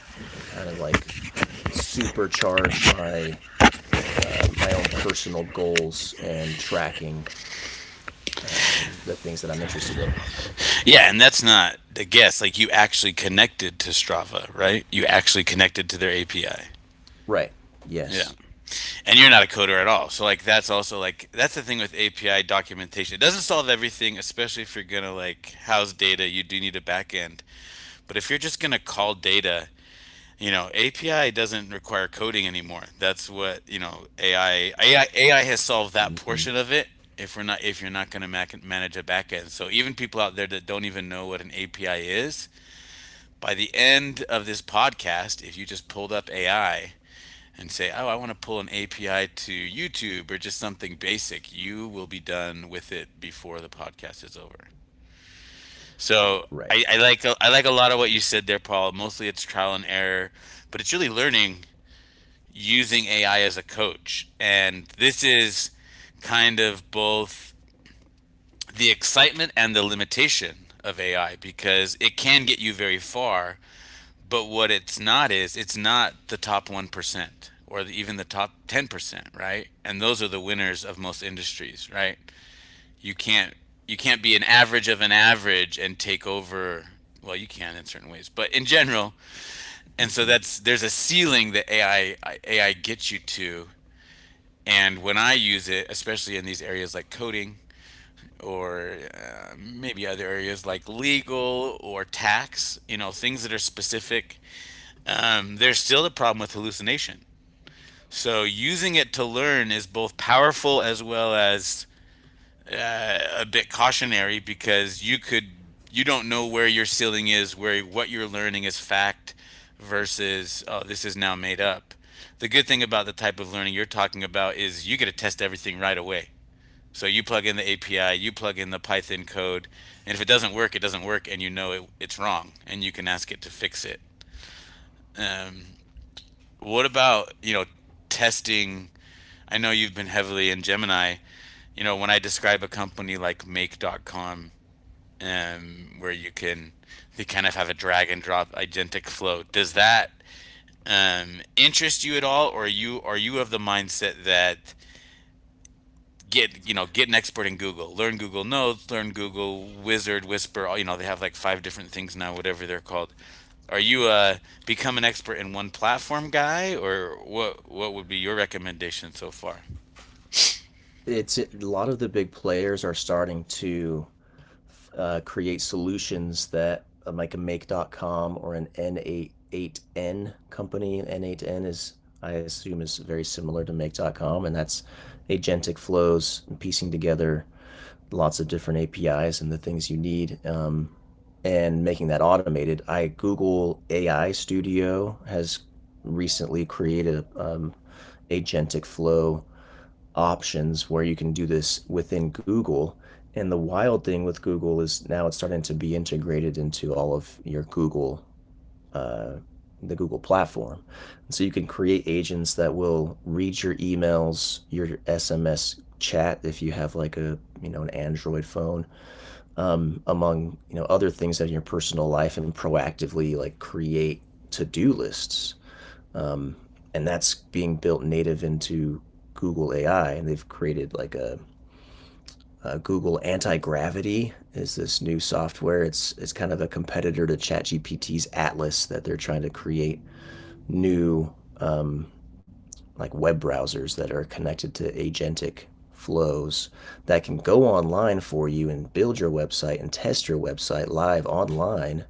Speaker 2: kind of like supercharge my my own personal goals and tracking the things that I'm interested in.
Speaker 1: Yeah, and that's not a guess. Like you actually connected to Strava, right? You actually connected to their API.
Speaker 2: Right.
Speaker 1: Yeah.
Speaker 2: Yes.
Speaker 1: And you're not a coder at all. So like that's also like that's the thing with API documentation. It doesn't solve everything, especially if you're gonna like house data. You do need a backend, but if you're just gonna call data, you know, API doesn't require coding anymore. That's what you know AI AI AI has solved that
Speaker 2: Hmm.
Speaker 1: portion of it. If we're not if you're not gonna manage a backend, so even people out there that don't even know what an API is, by the end of this podcast, if you just pulled up AI and say, oh, I want to pull an API to YouTube or just something basic, you will be done with it before the podcast is over. So
Speaker 2: Right.
Speaker 1: I like a lot of what you said there, Paul. Mostly it's trial and error, but it's really learning using AI as a coach. And this is kind of both the excitement and the limitation of AI because it can get you very far. But what it's not is it's not the top 1% or the, even the top 10%, right? And those are the winners of most industries, right? You can't be an average of an average and take over. Well you can in certain ways but in general, and so
Speaker 2: Hmm.
Speaker 1: that's there's a ceiling that ai gets you to. And when I use it especially in these areas like coding or maybe other areas like legal or tax, you know, things that are specific. There's still a problem with hallucination. So using it to learn is both powerful as well as a bit cautionary because you could you don't know where your ceiling is, where what you're learning is fact versus oh this is now made up. The good thing about the type of learning you're talking about is you get to test everything right away. So you plug in the API, you plug in the Python code, and if it doesn't work, it doesn't work, and you know it, it's wrong, and you can ask it to fix it. Um, what about you know testing, I know you've been heavily in Gemini. You know, when I describe a company like Make.com, where you can they kind of have a drag and drop agentic flow, does that interest you at all, or are you of the mindset that get you know get an expert in Google, learn Google Notes, learn Google Wizard, Whisper, all- you know they have like five different things now, whatever they're called. Are you become an expert in one platform guy, or what? What would be your recommendation so far?
Speaker 2: It's a lot of the big players are starting to create solutions that like a Make.com or an N8N company. N8N, is, I assume, is very similar to Make.com, and that's agentic flows, piecing together lots of different APIs and the things you need, and making that automated. I Google AI Studio has recently created agentic flow options where you can do this within Google. And the wild thing with Google is now it's starting to be integrated into all of your Google uh, the Google platform. And so you can create agents that will read your emails, your SMS chat if you have like a, you know, an Android phone, among, you know, other things in your personal life, and proactively like create to do lists. Um, and that's being built native into Google AI, and they've created like a Google anti gravity is this new software. It's kind of a competitor to ChatGPT's Atlas that they're trying to create new um, like web browsers that are connected to agentic flows that can go online for you and build your website and test your website live online,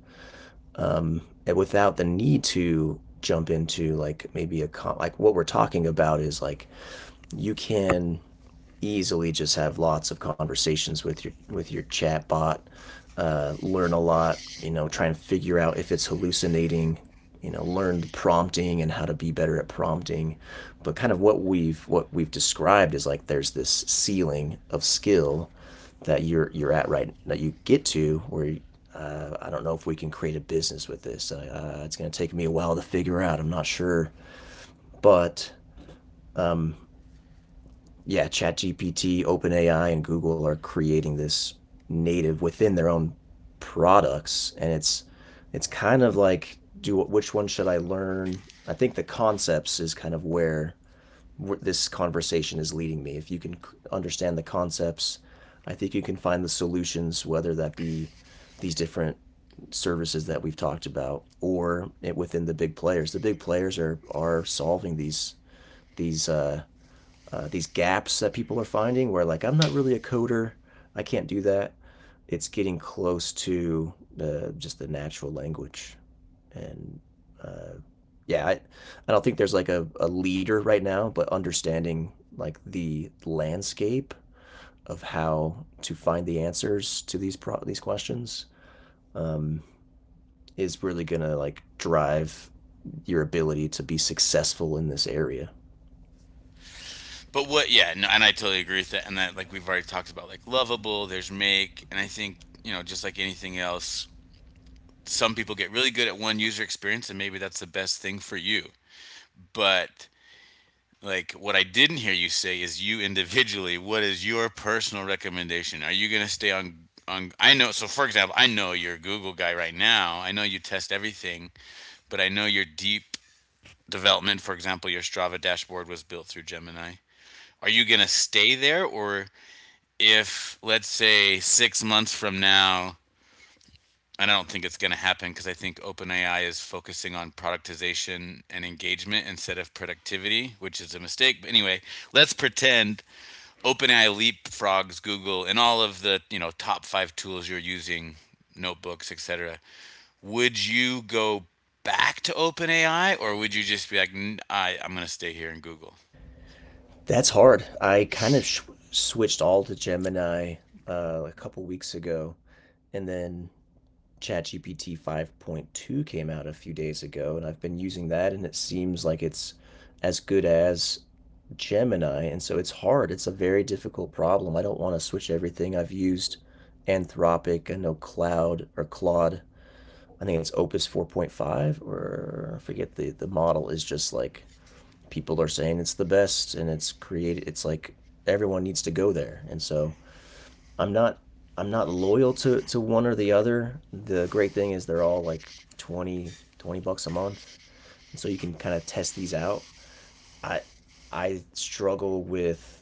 Speaker 2: um, without the need to jump into like, maybe a, like what we're talking about is, like, you can easily just have lots of conversations with your chat bot, learn a lot, you know, try and figure out if it's hallucinating, you know, learn the prompting and how to be better at prompting. But kind of what we've described is like, there's this ceiling of skill that you're at, right, that you get to, where I don't know if we can create a business with this. It's going to take me a while to figure out. I'm not sure, but um, yeah, ChatGPT, OpenAI, and Google are creating this native within their own products, and it's kind of like, do which one should I learn? I think the concepts is kind of where this conversation is leading me. If you can understand the concepts, I think you can find the solutions, whether that be these different services that we've talked about, or it, within the big players. The big players are solving these, these uh, these gaps that people are finding, where like, I'm not really a coder, I can't do that. It's getting close to just the natural language, and uh, yeah, I don't think there's like a leader right now, but understanding like the landscape of how to find the answers to these these questions um, is really gonna like drive your ability to be successful in this area.
Speaker 1: But what? Yeah, no, and I totally agree with that. And that, like we've already talked about, like lovable. There's make, and I think you know, just like anything else, some people get really good at one user experience, and maybe that's the best thing for you. But like what I didn't hear you say is you individually. What is your personal recommendation? Are you gonna stay on? On, I know. So, for example, I know you're a Google guy right now. I know you test everything, but I know your deep development. For example, your Strava dashboard was built through Gemini. Are you gonna stay there, or if let's say 6 months from now, and I don't think it's going to happen because I think OpenAI is focusing on productization and engagement instead of productivity, which is a mistake. But anyway, let's pretend OpenAI leapfrogs Google and all of the you know top five tools you're using, notebooks, etc. Would you go back to OpenAI, or would you just be like, I'm going to stay here in Google?
Speaker 2: That's hard. I kind of switched all to Gemini a couple weeks ago, and then ChatGPT 5.2 came out a few days ago, and I've been using that, and it seems like it's as good as Gemini, and so it's hard. It's a very difficult problem. I don't want to switch everything. I've used Anthropic. I know Cloud, or Claude. I think it's Opus 4.5, or I forget the model, is just like, people are saying it's the best, and it's created, it's like everyone needs to go there. And so i'm not I'm not loyal to one or the other. The great thing is they're all like 20 20 bucks a month, and so you can kind of test these out. I i struggle with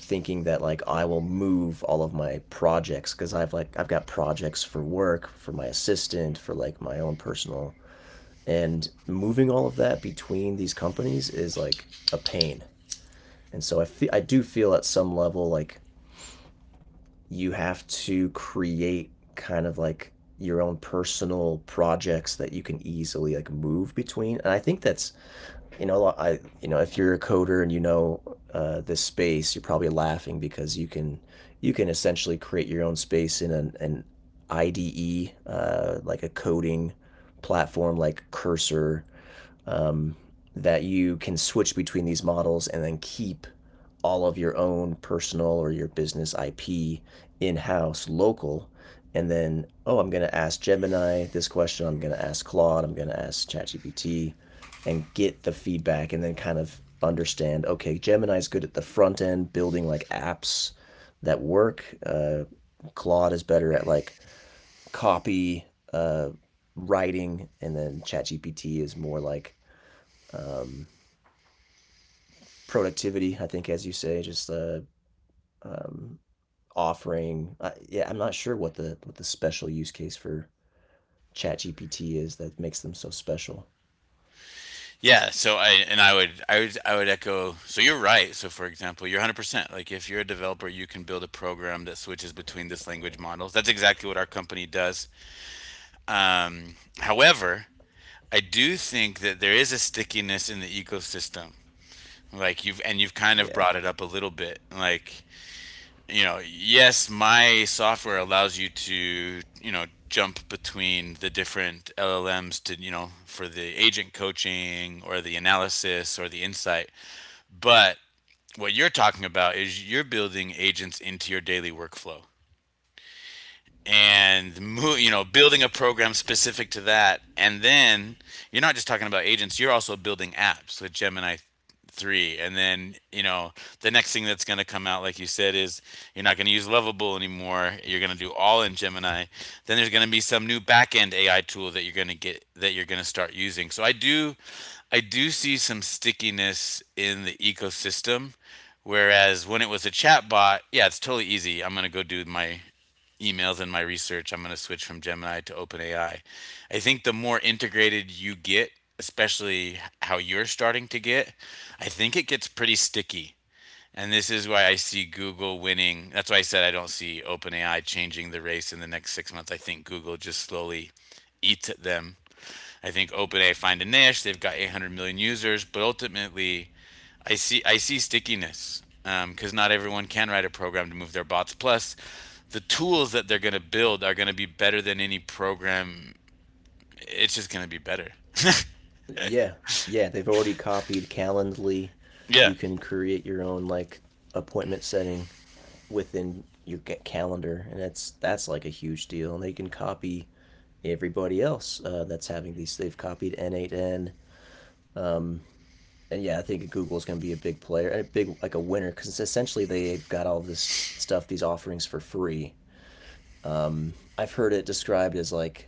Speaker 2: thinking that like, I will move all of my projects, because I've got projects for work, for my assistant, for like my own personal, and moving all of that between these companies is like a pain. And so I do feel at some level like you have to create kind of like your own personal projects that you can easily like move between. And I think that's, you know, I you know, if you're a coder and you know this space, you're probably laughing, because you can, you can essentially create your own space in an IDE, like a coding platform like Cursor, um, that you can switch between these models and then keep all of your own personal or your business IP in house local. And then, oh, I'm going to ask Gemini this question. I'm going to ask Claude. I'm going to ask ChatGPT, and get the feedback and then kind of understand, okay, Gemini's good at the front end, building like apps that work. Claude is better at like copy, uh, writing, and then ChatGPT is more like um, productivity, I think, as you say, just um, offering. Yeah, I'm not sure what the, what the special use case for ChatGPT is that makes them so special.
Speaker 1: Yeah, so I and I would echo. So you're right. So for example, you're 100%. Like if you're a developer, you can build a program that switches between this language models. That's exactly what our company does. However, I do think that there is a stickiness in the ecosystem. Like you've kind of
Speaker 2: Yeah,
Speaker 1: brought it up a little bit. Like you know, yes, my software allows you to you know jump between the different LLMs to you know for the agent coaching or the analysis or the insight, but what you're talking about is you're building agents into your daily workflow, and you know building a program specific to that, and then you're not just talking about agents, you're also building apps with Gemini 3, and then you know the next thing that's going to come out like you said is you're not going to use lovable anymore, you're going to do all in Gemini, then there's going to be some new backend AI tool that you're going to get that you're going to start using. So I do see some stickiness in the ecosystem. Whereas when it was a chat bot, yeah, it's totally easy. I'm gonna go do my emails in my research, I'm going to switch from Gemini to OpenAI. I think the more integrated you get, especially how you're starting to get, I think it gets pretty sticky. And this is why I see Google winning. That's why I said I don't see OpenAI changing the race in the next 6 months. I think Google just slowly eats at them. I think OpenAI find a niche. They've got 800 million users, but ultimately, I see stickiness because not everyone can write a program to move their bots. Plus, the tools that they're going to build are going to be better than any program. It's just going to be better. (laughs)
Speaker 2: yeah, yeah. They've already copied Calendly.
Speaker 1: Yeah.
Speaker 2: You can create your own like appointment setting within your calendar, and that's like a huge deal. And they can copy everybody else that's having these. They've copied N8N. Um, and yeah, I think Google's going to be a big player and a big like a winner because essentially they've got all this stuff, these offerings for free. I've heard it described as like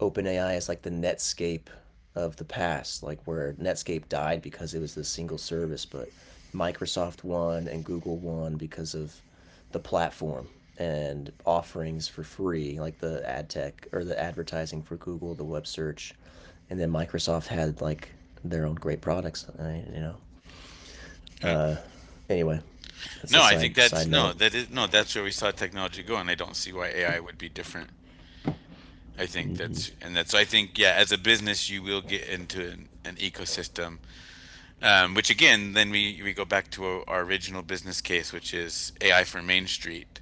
Speaker 2: OpenAI is like the Netscape of the past, like where Netscape died because it was this single service, but Microsoft won and Google won because of the platform and offerings for free, like the ad tech or the advertising for Google, the web search, and then Microsoft had like their own great products. you know.
Speaker 1: Yeah.
Speaker 2: Uh, anyway, that's a
Speaker 1: No, I
Speaker 2: side
Speaker 1: think that's
Speaker 2: side
Speaker 1: no
Speaker 2: note.
Speaker 1: that is no that's where we saw technology go, and I don't see why AI would be different. I think
Speaker 2: Mm-hmm.
Speaker 1: that's and that's I think Yeah, as a business, you will get into an ecosystem. Which again, then we go back to our original business case, which is AI for Main Street.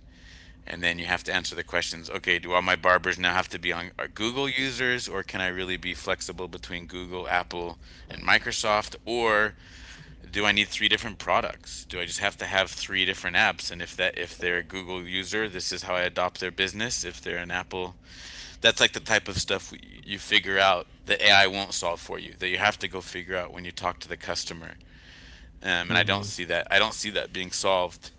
Speaker 1: And then you have to answer the questions, okay, do all my barbers now have to be on are Google users, or can I really be flexible between Google, Apple, and Microsoft? Or do I need three different products? Do I just have to have three different apps? And if they're a Google user, this is how I adopt their business. If they're an Apple, that's like the type of stuff you figure out that AI won't solve for you, that you have to go figure out when you talk to the customer, and I don't
Speaker 2: Mm-hmm.
Speaker 1: see that. I don't see that being solved.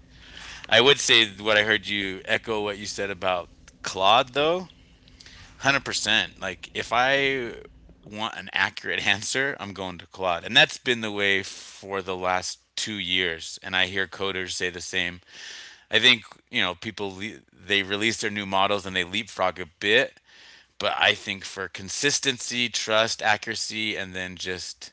Speaker 1: I would say what I heard, you echo what you said about Claude, though. 100%. Like, if I want an accurate (laughs) answer, I'm going to Claude, and that's been the way for the last 2 years. And I hear coders say the same. I think, you know, they release their new models and they leapfrog a bit, but I think for consistency, trust, accuracy, and then just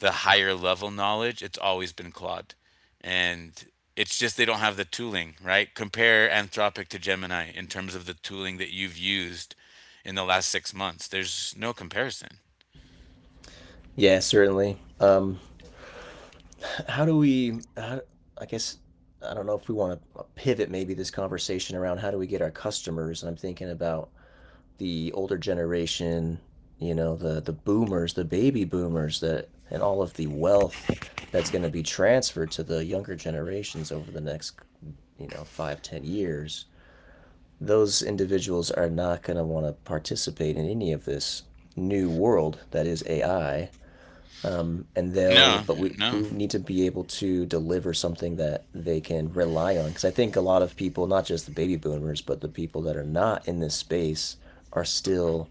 Speaker 1: the higher level knowledge, it's always been Claude. And it's just they don't have the tooling, right? Compare Anthropic to Gemini in terms of the tooling that you've used in the last 6 months. There's no comparison.
Speaker 2: Yeah, certainly. How do we how, I guess I don't know if we want to pivot maybe this conversation around how do we get our customers, and I'm thinking about the older generation, you know, the boomers, the baby boomers that and all of the wealth that's going to be transferred to the younger generations over the next, 5-10 years. Those individuals are not going to want to participate in any of this new world that is AI. And
Speaker 1: No,
Speaker 2: they'll, but we,
Speaker 1: no.
Speaker 2: we need to be able to deliver something that they can rely on, because I think a lot of people, not just the baby boomers, but the people that are not in this space are still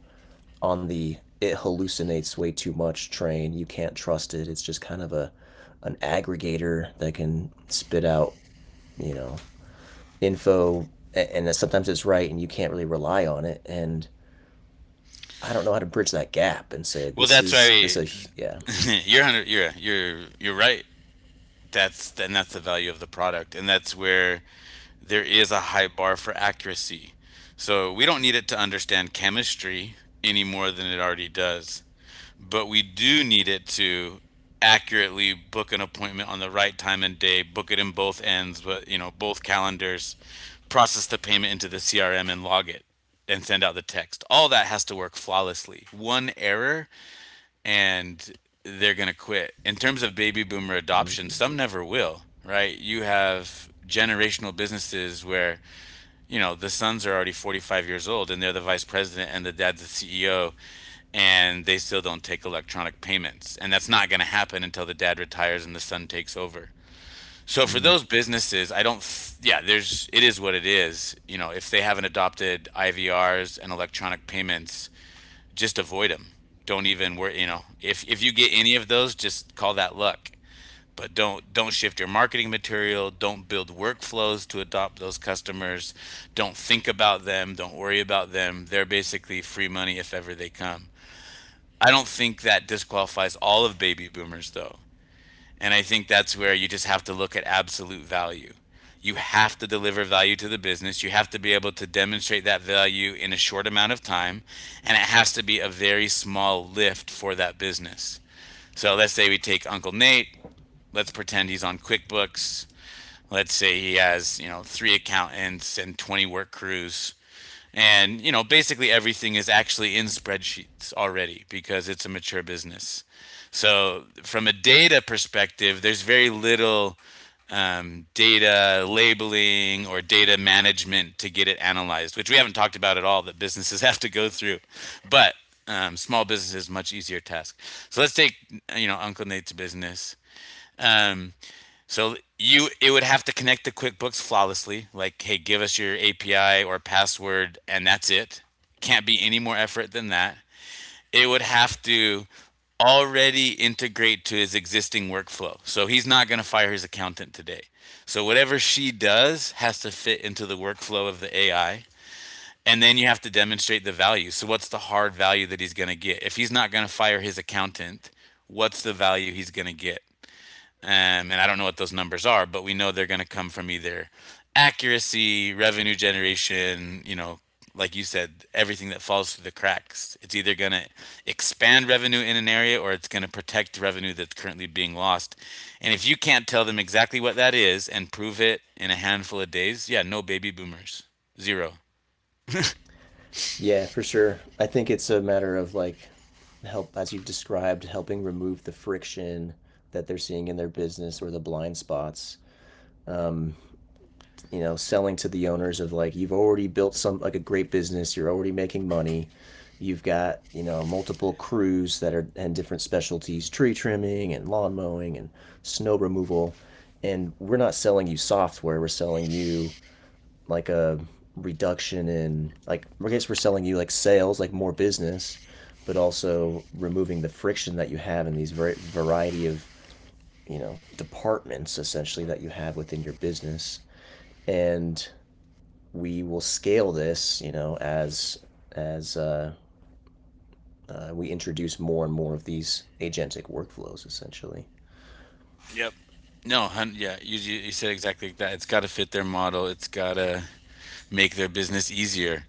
Speaker 2: on the it hallucinates way too much train. You can't trust it, it's just kind of a an aggregator that can spit out, you know info, and sometimes it's right and you can't really rely on it, and I don't know how to bridge that gap and say
Speaker 1: Well, that's why
Speaker 2: this
Speaker 1: we,
Speaker 2: is yeah.
Speaker 1: (laughs) you're 100. You're right. That's the value of the product, and that's where there is a high bar for accuracy. So we don't need it to understand chemistry any more than it already does, but we do need it to accurately book an appointment on the right time and day, book it in both ends, but, you know, both calendars, process the payment into the CRM and log it and send out the text. All that has to work flawlessly. One error and they're going to quit. In terms of baby boomer adoption,
Speaker 2: Mm-hmm.
Speaker 1: some never will, right? You have generational businesses where, you know, the sons are already 45 years old and they're the vice president and the dad's the CEO, and they still don't take electronic payments, and that's not going to happen until the dad retires and the son takes over. So for
Speaker 2: Mm.
Speaker 1: those businesses, I don't th- yeah, there's, it is what it is. You know, if they haven't adopted IVRs and electronic payments, just avoid them. Don't even worry, you know. If you get any of those, just call that luck, but don't shift your marketing material, don't build workflows to adopt those customers, don't think about them, don't worry about them. They're basically free money if ever they come. I don't think that disqualifies all of baby boomers though, and I think that's where you just have to look at absolute value. You have to deliver value to the business, you have to be able to demonstrate that value in a short amount of time, and it has to be a very small lift for that business. So let's say we take Uncle Nate. Let's pretend he's on QuickBooks. Let's say he has, you know, three accountants and 20 work crews. And, you know, basically everything is actually in spreadsheets already because it's a mature business. So from a data perspective, there's very little data labeling or data management to get it analyzed, which we haven't talked about at all that businesses (laughs) have to go through. But small businesses, much easier task. So let's take, you know, Uncle Nate's business. Um, so you, it would have to connect to QuickBooks flawlessly. Like, hey, give us your API or password, and that's it. Can't be any more effort than that. It would have to already integrate to his existing workflow. So he's not going to fire his accountant today. So whatever she does has to fit into the workflow of the AI. And then you have to demonstrate the value. So what's the hard value that he's going to get? If he's not going to fire his accountant, what's the value he's going to get? And I don't know what those numbers are, but we know they're going to come from either accuracy, revenue generation, you know, like you said, everything that falls through the cracks. It's either going to expand revenue in an area or it's going to protect revenue that's currently being lost. And if you can't tell them exactly what that is and prove it in a handful of days, yeah, no baby boomers. Zero.
Speaker 2: Yeah, for sure. I think it's a matter of like help as you've described, helping remove the friction that they're seeing in their business or the blind spots. Um, you know, selling to the owners of like you've already built some like a great business, you're already making money. You've got, you know, multiple crews that are and different specialties, tree trimming and lawn mowing and snow removal. And we're not selling you software, we're selling you like a reduction in like I guess we're selling you like sales, like more business, but also removing the friction that you have in these very variety of, you know, departments essentially that you have within your business, and we will scale this, you know, as we introduce more and more of these agentic workflows essentially.
Speaker 1: Yep. No, you said exactly like that. It's got to fit their model, it's got to make their business easier.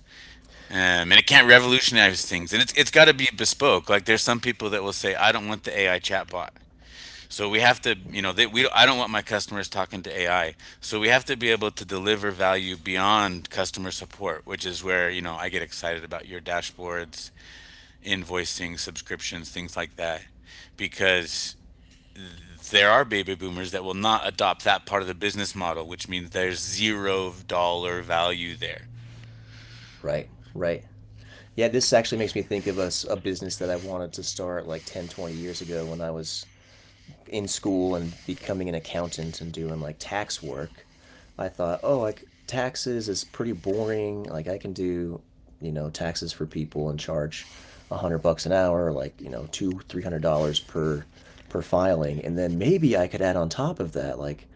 Speaker 1: And it can't revolutionize things, and it's got to be bespoke. Like, there's some people that will say, "I don't want the AI chatbot," so we have to, you know, we I don't want my customers talking to AI, so we have to be able to deliver value beyond customer support, which is where, you know, I get excited about your dashboards, invoicing, subscriptions, things like that, because there are baby boomers that will not adopt that part of the business model, which means there's $0 value there.
Speaker 2: Right, right. Yeah, this actually makes me think of a business that I wanted to start like 10, 20 years ago when I was in school and becoming an accountant and doing like tax work. I thought, oh, like taxes is pretty boring. Like I can do, you know, taxes for people and charge $100 an hour, like you know, two, $300 per filing, and then maybe I could add on top of that like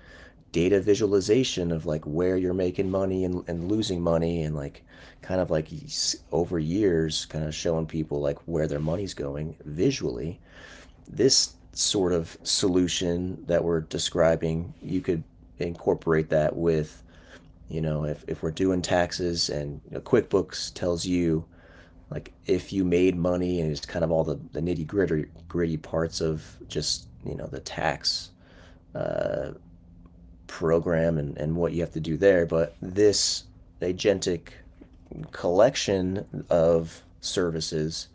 Speaker 2: data visualization of like where you're making money and losing money and like kind of like over years kind of showing people like where their money's going visually. This sort of solution that we're describing, you could incorporate that with, you know, if we're doing taxes and you know, QuickBooks tells you, like, if you made money. And it's kind of all the nitty gritty parts of just, you know, the tax uh, program, and what you have to do there. But this agentic collection of services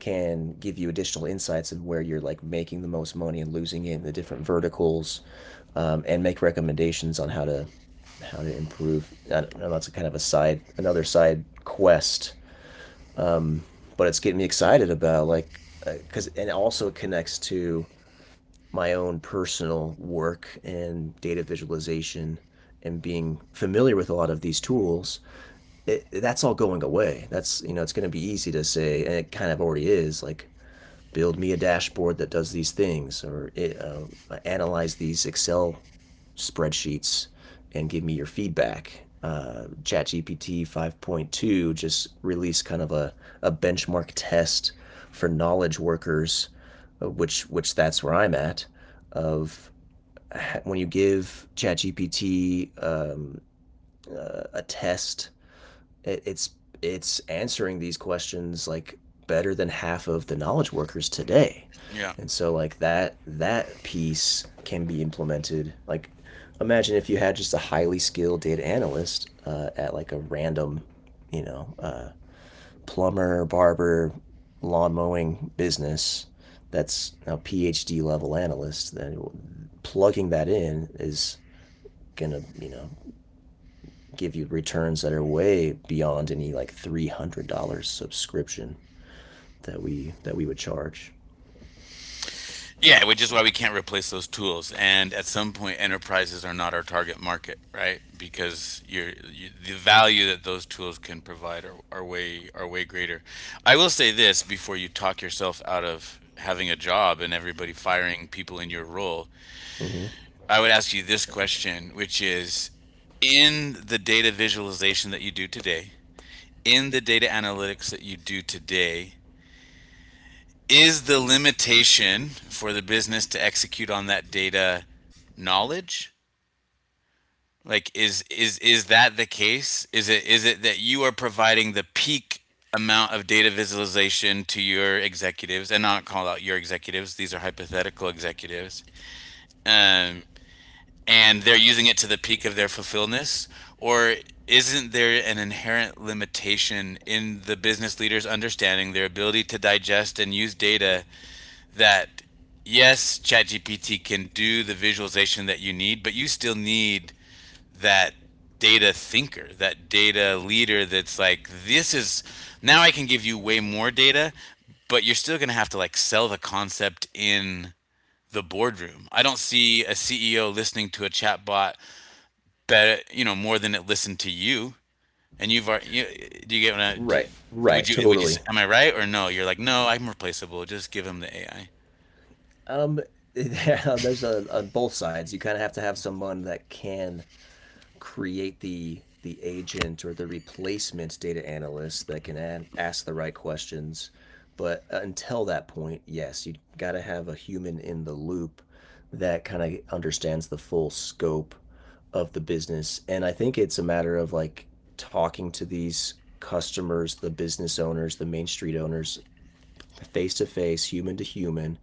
Speaker 2: can give you additional insights in where you're like making the most money and losing it in the different verticals, and make recommendations on how to improve. I don't know, that's a kind of a side another side quest, um, but it's getting me excited about like because and also it connects to my own personal work and data visualization and being familiar with a lot of these tools. It, that's all going away. That's, you know, it's going to be easy to say, and it kind of already is, like build me a dashboard that does these things or analyze these excel spreadsheets and give me your feedback. ChatGPT 5.2 just released kind of a benchmark test for knowledge workers, which that's where I'm at. Of when you give ChatGPT a test, it, it's it's answering these questions like better than half of the knowledge workers today.
Speaker 1: Yeah.
Speaker 2: And so like that piece can be implemented, like imagine if you had just a highly skilled data analyst at like a random you know uh, plumber barber lawn mowing business. That's a PhD level analyst. Then plugging that in is gonna, give you returns that are way beyond any like $300 subscription that we would charge.
Speaker 1: Yeah, which is why we can't replace those tools. And at some point, enterprises are not our target market, right? Because the value that those tools can provide are way greater. I will say this before you talk yourself out of having a job and everybody firing people in your role.
Speaker 2: Mm-hmm.
Speaker 1: I would ask you this question, which is, in the data visualization that you do today, in the data analytics that you do today, is the limitation for the business to execute on that data knowledge, is that the case? Is it that you are providing the peak amount of data visualization to your executives, and not call out your executives, these are hypothetical executives, um, and they're using it to the peak of their fulfillness, or isn't there an inherent limitation in the business leader's understanding, their ability to digest and use data, that, yes, ChatGPT can do the visualization that you need, but you still need that data thinker, that data leader that's like, this is, now I can give you way more data, but you're still going to have to like sell the concept in the boardroom. I don't see a CEO listening to a chatbot better, you know, more than it listened to you. And do you get what I,
Speaker 2: Right,
Speaker 1: would
Speaker 2: right,
Speaker 1: you, would you,
Speaker 2: totally.
Speaker 1: am I right or no? You're like, no, I'm replaceable. Just give him the AI.
Speaker 2: Um, (laughs) there's a on both sides. You kind of have to have someone that can create the agent or the replacement data analyst that can ask the right questions. But until that point, yes, you got to have a human in the loop that kind of understands the full scope of the business. And I think it's a matter of like talking to these customers, the business owners, the main street owners, face to face, human to human,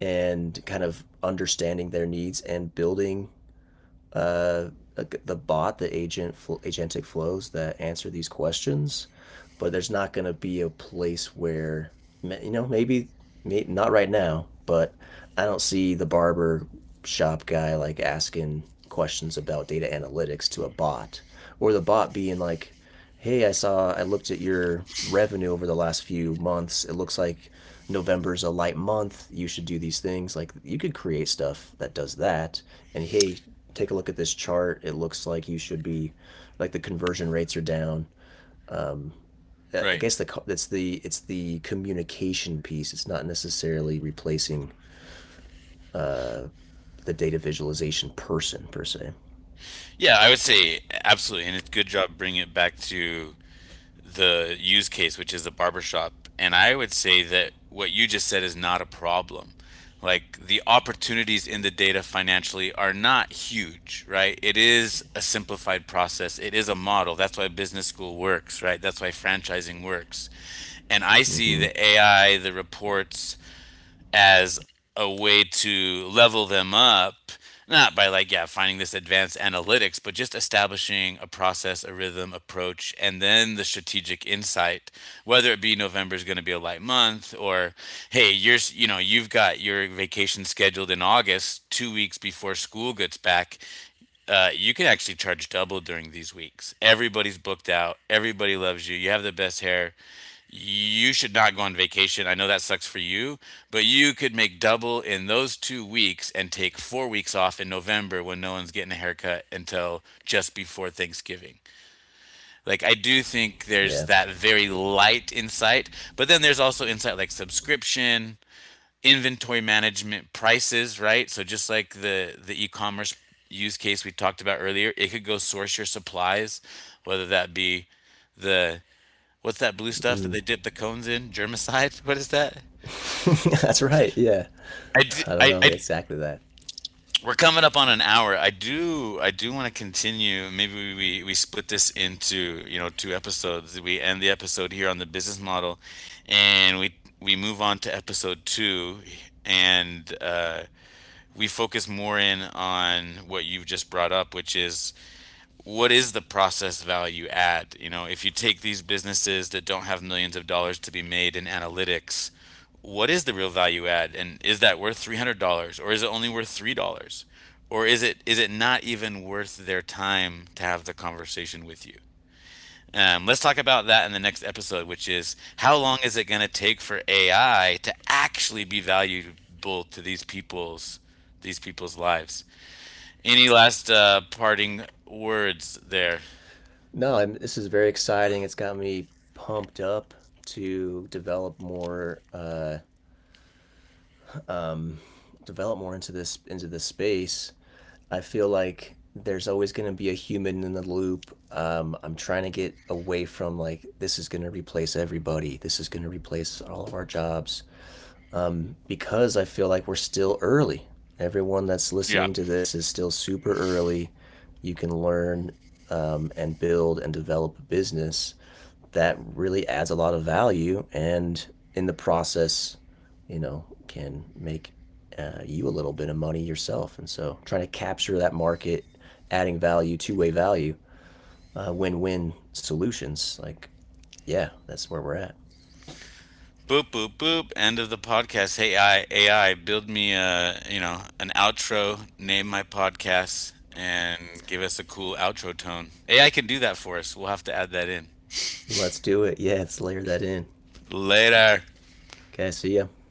Speaker 2: and kind of understanding their needs and building uh, the bot, the agent, agentic flows that answer these questions, but there's not going to be a place where, you know, maybe, maybe not right now, but I don't see the barber shop guy like asking questions about data analytics to a bot, or the bot being like, hey, I looked at your revenue over the last few months, it looks like November's a light month, you should do these things. Like you could create stuff that does that. And hey, take a look at this chart. It looks like you should be, like the conversion rates are down. Um, I
Speaker 1: Right.
Speaker 2: guess it's the communication piece. It's not necessarily replacing uh, the data visualization person per se.
Speaker 1: Yeah, I would say absolutely, and it's good job bringing it back to the use case, which is the barbershop. And I would say that what you just said is not a problem. Like, the opportunities in the data financially are not huge, right? It is a simplified process. It is a model. That's why business school works, right? That's why franchising works. And I see
Speaker 2: Mm-hmm.
Speaker 1: the AI, the reports, as a way to level them up, not by like, yeah, finding this advanced analytics, but just establishing a process, a rhythm, approach, and then the strategic insight, whether it be November is going to be a light month, or, hey, you know, you've got your vacation scheduled in August, 2 weeks before school gets back, you can actually charge double during these weeks. Everybody's booked out. Everybody loves you. You have the best hair, you should not go on vacation. I know that sucks for you, but you could make double in those 2 weeks and take 4 weeks off in November when no one's getting a haircut until just before Thanksgiving. Like, I do think there's
Speaker 2: Yeah,
Speaker 1: that very light insight, but then there's also insight like subscription, inventory management, prices, right? So, just like the e commerce use case we talked about earlier, it could go source your supplies, whether that be the, what's that blue stuff that
Speaker 2: mm.
Speaker 1: they dip the cones in? Germicide? (laughs) What is that?
Speaker 2: (laughs) That's right. Yeah,
Speaker 1: I do,
Speaker 2: I don't
Speaker 1: I,
Speaker 2: know
Speaker 1: I
Speaker 2: exactly that.
Speaker 1: we're coming up on an hour. I do want to continue. Maybe we split this into, you know, two episodes. We end the episode here on the business model, and we move on to episode two, and we focus more in on what you've just brought up, which is, what is the process value add? You know, if you take these businesses that don't have millions of dollars to be made in analytics, what is the real value add, and is that worth $300 or is it only worth $3? Or is it not even worth their time to have the conversation with you? Let's talk about that in the next episode, which is, how long is it going to take for AI to actually be valuable to these people's lives? Any last parting words there?
Speaker 2: No, this is very exciting. It's got me pumped up to um, develop more into this space. I feel like there's always going to be a human in the loop. I'm trying to get away from like this is going to replace everybody. This is going to replace all of our jobs, because I feel like we're still early. Everyone that's
Speaker 1: Yeah.
Speaker 2: listening to this is still super early. You can learn, and build and develop a business that really adds a lot of value and in the process, you know, can make you a little bit of money yourself. And so trying to capture that market, adding value, two-way value, win win solutions. Like, yeah, that's where we're at.
Speaker 1: Boop boop boop. End of the podcast. Hey AI, AI, build me a, you know, an outro. Name my podcast and give us a cool outro tone. AI can do that for us. We'll have to add that in
Speaker 2: Let's do it. Yeah, let's layer that in.
Speaker 1: later.
Speaker 2: Okay, so yeah,